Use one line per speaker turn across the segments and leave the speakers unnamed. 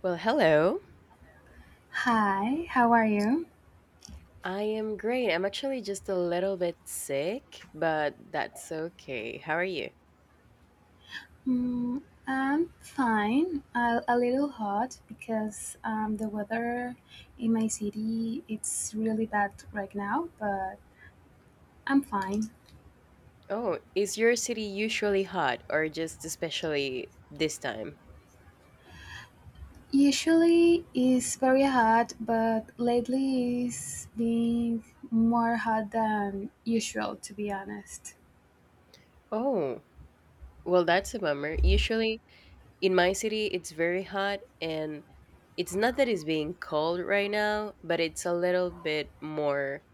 Well, hello.
Hi, how are you?
I am great. I'm actually just a little bit sick, but that's okay. How are you?
Mm, I'm fine. A little hot because the weather in my city it's really bad right now, but I'm fine.
Oh, is your city usually hot or just especially this time?
Usually it's very hot, but lately it's been more hot than usual, to be honest.
Oh, well, that's a bummer. Usually in my city, it's very hot, and it's not that it's being cold right now, but it's a little bit more,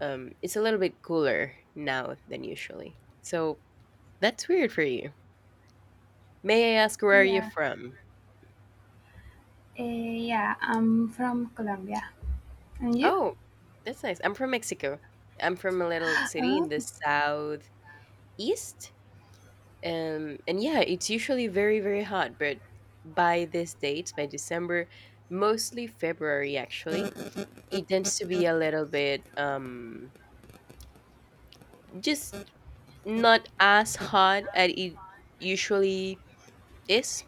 it's a little bit cooler now than usually. So that's weird for you. May I ask where are you
Yeah,
from?
Yeah. I'm from Colombia, and you?
Oh, that's nice. I'm from Mexico. I'm from a little city
Uh,
in the southeast. And yeah, it's usually very, very hot, but by this date, by December, mostly February actually, it tends to be a little bit just not as hot as it usually is.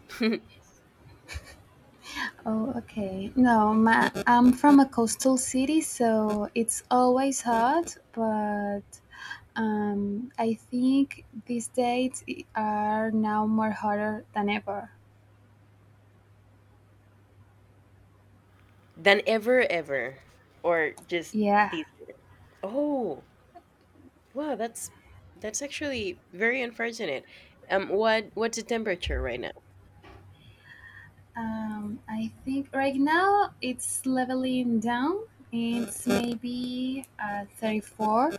Oh, okay. No, I'm from a coastal city, so it's always hot, but I think these days are now more hotter than ever.
Than ever ever or just
Yeah.
this year. Oh, wow, that's actually very unfortunate. What's the temperature right now?
I think right now it's leveling down. It's maybe 34,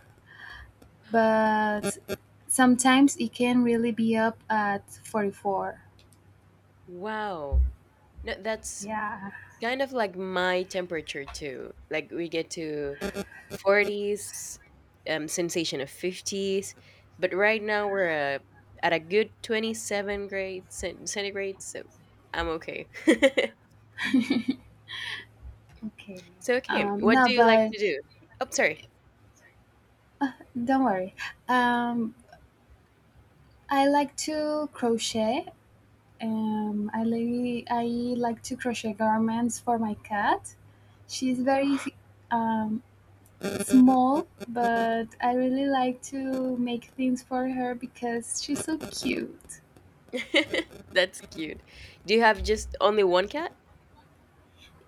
but sometimes it can really be up at 44.
Wow, no, that's
Yeah.
kind of like my temperature too. Like we get to forties, sensation of fifties, but right now we're uh, at a good 27 grade centigrade, so I'm okay.
Okay.
So okay,
Um,
what
no,
do you like
but
to do? Oh, sorry.
don't worry. Um, I like to crochet. I like to crochet garments for my cat. She's
Oh.
very um, small, but I really like to make things for her because she's so cute.
That's cute. Do you have just only one cat?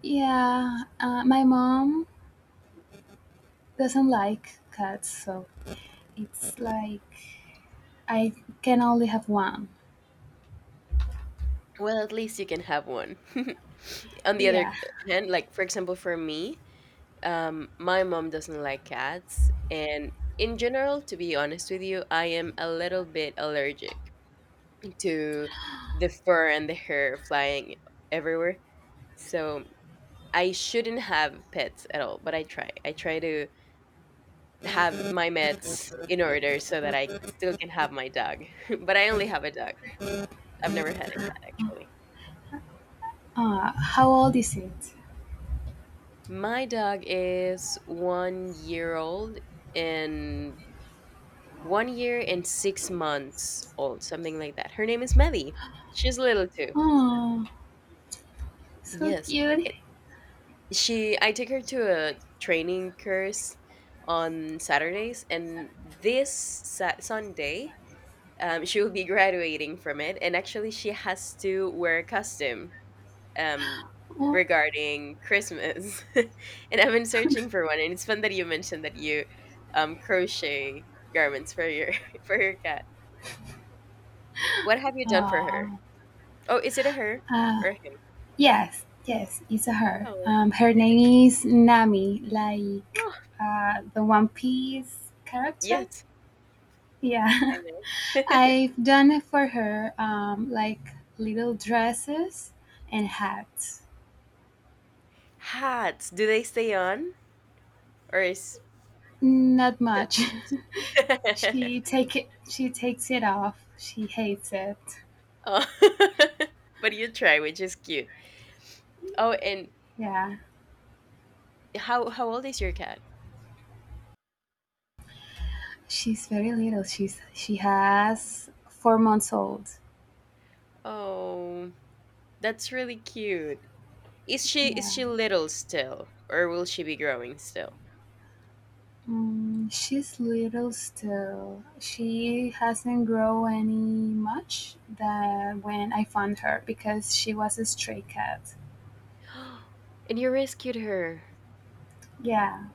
Yeah, my mom doesn't like cats, so it's like I can only have one.
Well, at least you can have one. On the other
Yeah.
hand, like for example, for me, my mom doesn't like cats, and in general, to be honest with you, I am a little bit allergic to the fur and the hair flying everywhere. So I shouldn't have pets at all, but I try to have my meds in order so that I still can have my dog. But I only have a dog. I've never had a cat actually.
How old is it?
My dog is 1 year old and 1 year and 6 months old, something like that. Her name is Maddie. She's little too.
Oh, so
Yes,
cute.
it, she. I take her to a training course on Saturdays, and this Sunday, she will be graduating from it. And actually, she has to wear a costume, um,
Oh.
regarding Christmas, and I've been searching for one. And it's fun that you mentioned that you crochet garments for your for your cat. What have you done for her?
Oh,
Oh, is it a her
uh,
or him?
yes, yes, it's a her.
Oh,
Her name is Nami, like
oh
the One Piece character.
yes,
Yeah,
I know.
I've done for her like little dresses and hats.
Hats? Do they stay on or is
Not
that
much.
it?
She take it. She takes it off. She hates it.
Oh, but you try, which is cute. Oh, and
Yeah,
how old is your cat?
she's very little. She has 4 months old.
Oh, that's really cute. Is she is
Yeah.
she little still, or will she be growing still?
She's little still. She hasn't grown any much that when I found her because she was a stray cat.
And you rescued her.
Yeah.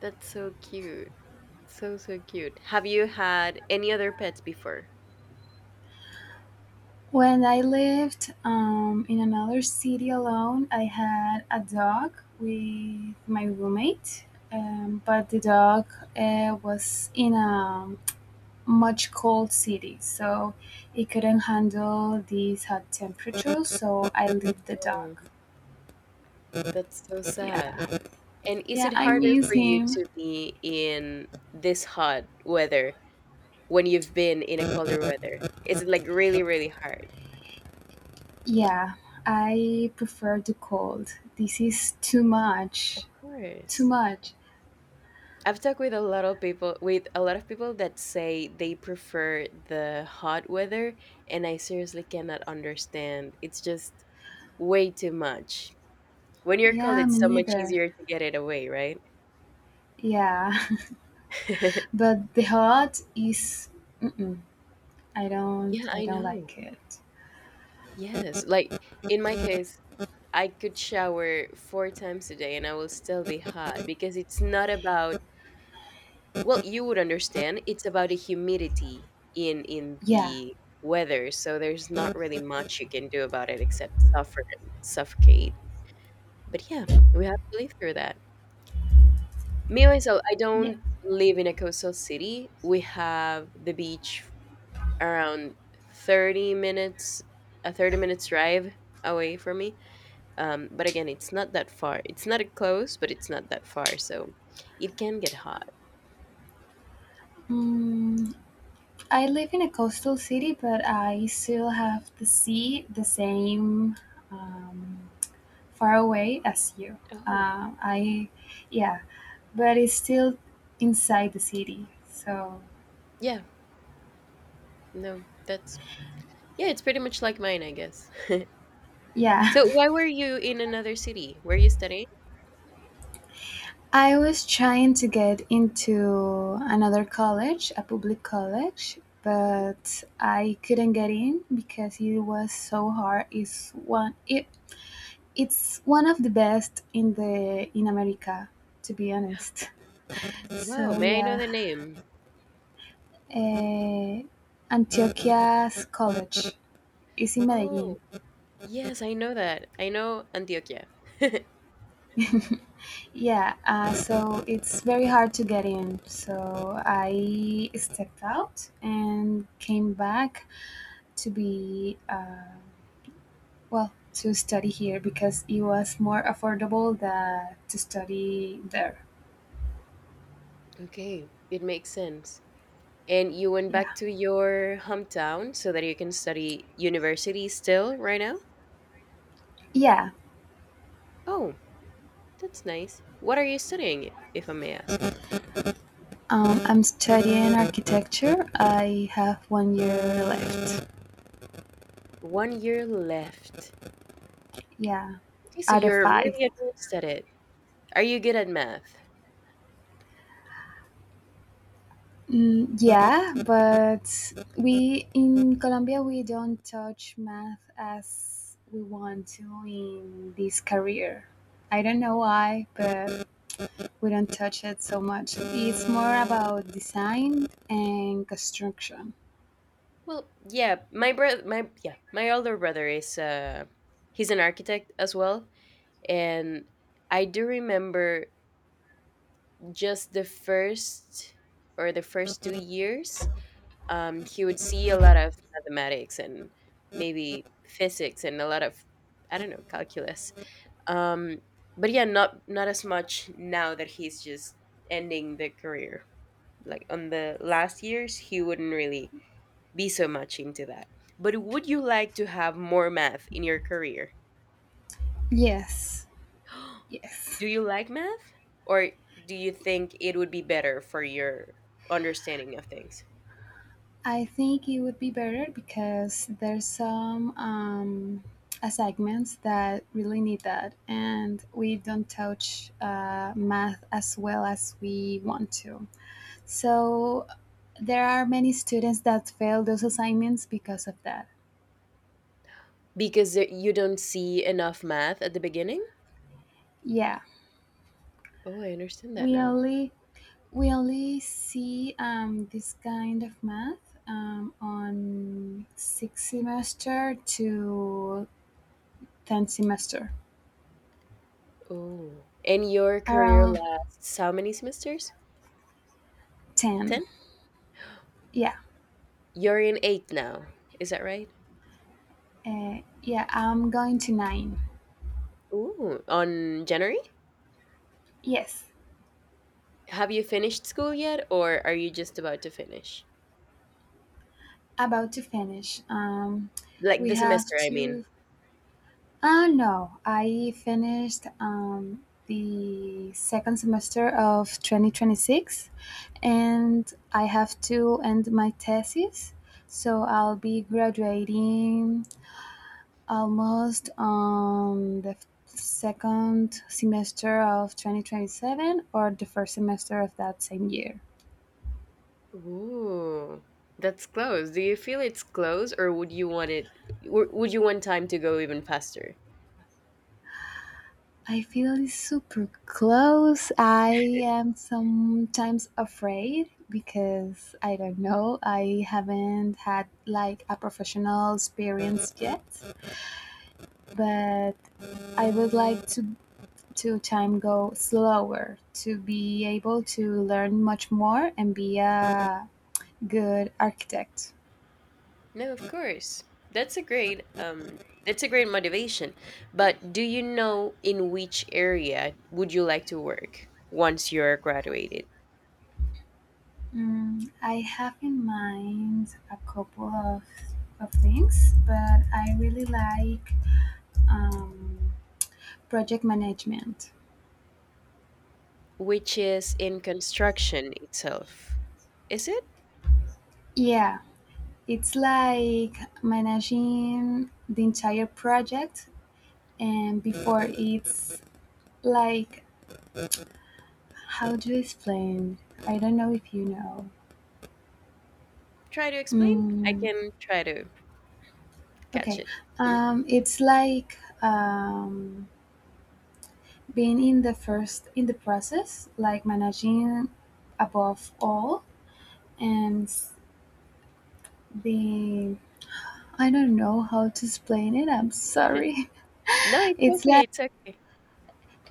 That's so cute. So so cute. Have you had any other pets before?
When I lived in another city alone, I had a dog with my roommate. But the dog was in a much cold city, so it couldn't handle these hot temperatures. So I left the dog.
Oh, that's so sad.
Yeah.
And is
Yeah,
it
I
harder
miss
for you
him.
to be in this hot weather when you've been in a colder weather? Is it like really, really hard?
Yeah, I prefer the cold. This is too
Of
much. Too
course.
much.
I've talked with a lot of people with a lot of people that say they prefer the hot weather and I seriously cannot understand. It's just way too much. When you're cold
Yeah,
it's
me
so much
neither.
easier to get it away, right?
Yeah, but the hot is. Mm-mm, I don't.
Yeah,
I
I
don't
know.
like it.
Yes. Like in my case, I could shower 4 times a day and I will still be hot because it's not about. Well, you would understand. It's about the humidity in
Yeah.
the weather, so there's not really much you can do about it except suffer and suffocate. But yeah, we have to live through that. Me myself, I
Yeah.
don't live in a coastal city. We have the beach around 30 minutes, a 30 minutes drive away from me. But again, it's not that far. It's not close, but it's not that far, so it can get hot.
Mm, I live in a coastal city, but I still have the sea, the same um, far away as you.
Oh,
Uh, I, yeah, but it's still inside the city. So,
yeah, no, that's. Yeah, it's pretty much like mine, I guess.
yeah.
So, why were you in another city? Were you studying?
I was trying to get into another college, a public college,
Mhm.
but I couldn't get in because it was so hard. It's it's one of the best in America, to be honest.
Wow,
So,
may I know
yeah.
the name?
Uh, Antioquia's college is in Medellin.
Oh, yes, I know that. I know Antioquia.
Yeah, so it's very hard to get in. So I stepped out and came back to be, uh, well, to study here because it was more affordable than to study there.
Okay, it makes sense. And you went back
Yeah.
to your hometown so that you can study university still right now?
Yeah.
Oh, that's nice. What are you studying, if I may ask?
I'm studying architecture. I have one year left.
1 year left.
Yeah,
Okay, so
out of
you're
five.
really advanced at it. Are you good at math?
Yeah, but we in Colombia we don't touch math as we want to in this career. I don't know why, but we don't touch it so much. It's more about design and construction.
Well, yeah, my brother, my yeah, my older brother is he's an architect as well, and I do remember just the first or the first 2 years, he would see a lot of mathematics and maybe physics and a lot of I don't know calculus, um, but yeah, not not as much now that he's just ending the career. Like on the last years, he wouldn't really be so much into that. But would you like to have more math in your career?
Yes, yes.
Do you like math? Or do you think it would be better for your understanding of things?
I think it would be better because there's some assignments that really need that, and we don't touch math as well as we want to. So there are many students that fail those assignments because of that.
Because you don't see enough math at the beginning?
Yeah,
Oh, I understand that
we
now.
only we only see this kind of math on sixth semester to 10th semester,
Oh. And your career
around
lasts how many semesters?
10.
10?
Yeah.
You're in 8 now. Is that right?
Yeah, I'm going to nine.
Ooh, on January?
Yes,
Have you finished school yet or are you just about to finish?
about to finish.
Like
We
the
have
semester, I mean.
to. No, I finished the second semester of 2026 and I have to end my thesis. So I'll be graduating almost on the second semester of 2027 or the first semester of that same year.
Ooh, that's close. Do you feel it's close, or would you want it? Would you want time to go even faster?
I feel super close. I am sometimes afraid because I don't know. I haven't had like a professional experience yet, but I would like to time go slower to be able to learn much more and be a good architect.
No, of course. That's a great. That's a great motivation. But do you know in which area would you like to work once you're graduated?
I have in mind a couple of things, but I really like um, project management.
Which is in construction itself. Is it?
Yeah, it's like managing the entire project, and before it's like how to explain. I don't know if you know.
Try to explain. I
Mm,
can try to catch
okay,
it.
it's like being in the first in the process, like managing above all, and the I don't know how to explain it. I'm sorry.
No, it's
It's
okay.
like
It's okay.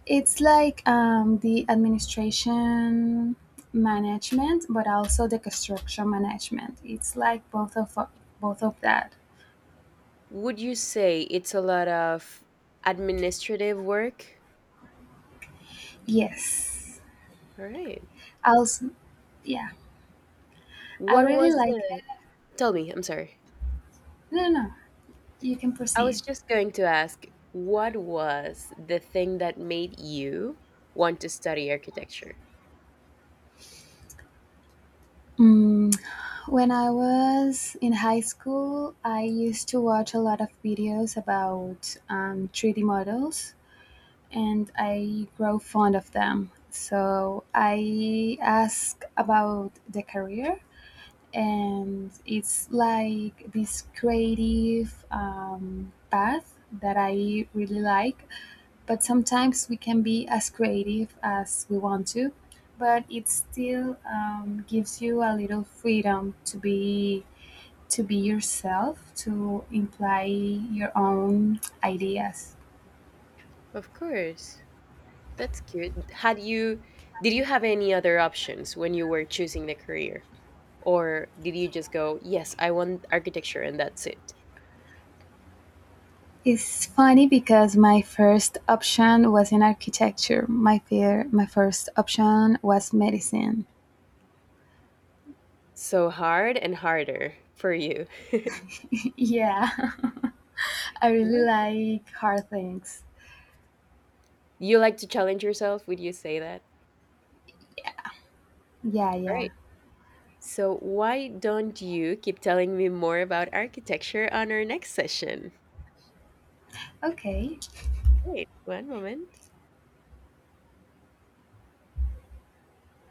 It's like the administration management, but also the construction management. It's like both of that.
Would you say it's a lot of administrative work?
Yes.
All right.
Also, yeah, I
What
really
was
like
the,
it.
tell me, I'm sorry.
No, no, no. You can
I was
proceed.
just going to ask, what was the thing that made you want to study architecture?
Mm, when I was in high school, I used to watch a lot of videos about 3D models and I grow fond of them. So I asked about the career and it's like this creative path that I really like. But sometimes we can be as creative as we want to, but it still gives you a little freedom to be yourself, to imply your own ideas.
Of course. That's cute. Had you, did you have any other options when you were choosing the career? Or did you just go, yes, I want architecture and that's it?
It's funny because my first option was in architecture. My first option was medicine.
So hard and harder for you.
Yeah. I really
What?
like hard things.
You like to challenge yourself, would you say that?
Yeah, yeah.
Alright. So why don't you keep telling me more about architecture on our next session?
Okay.
Great, one moment.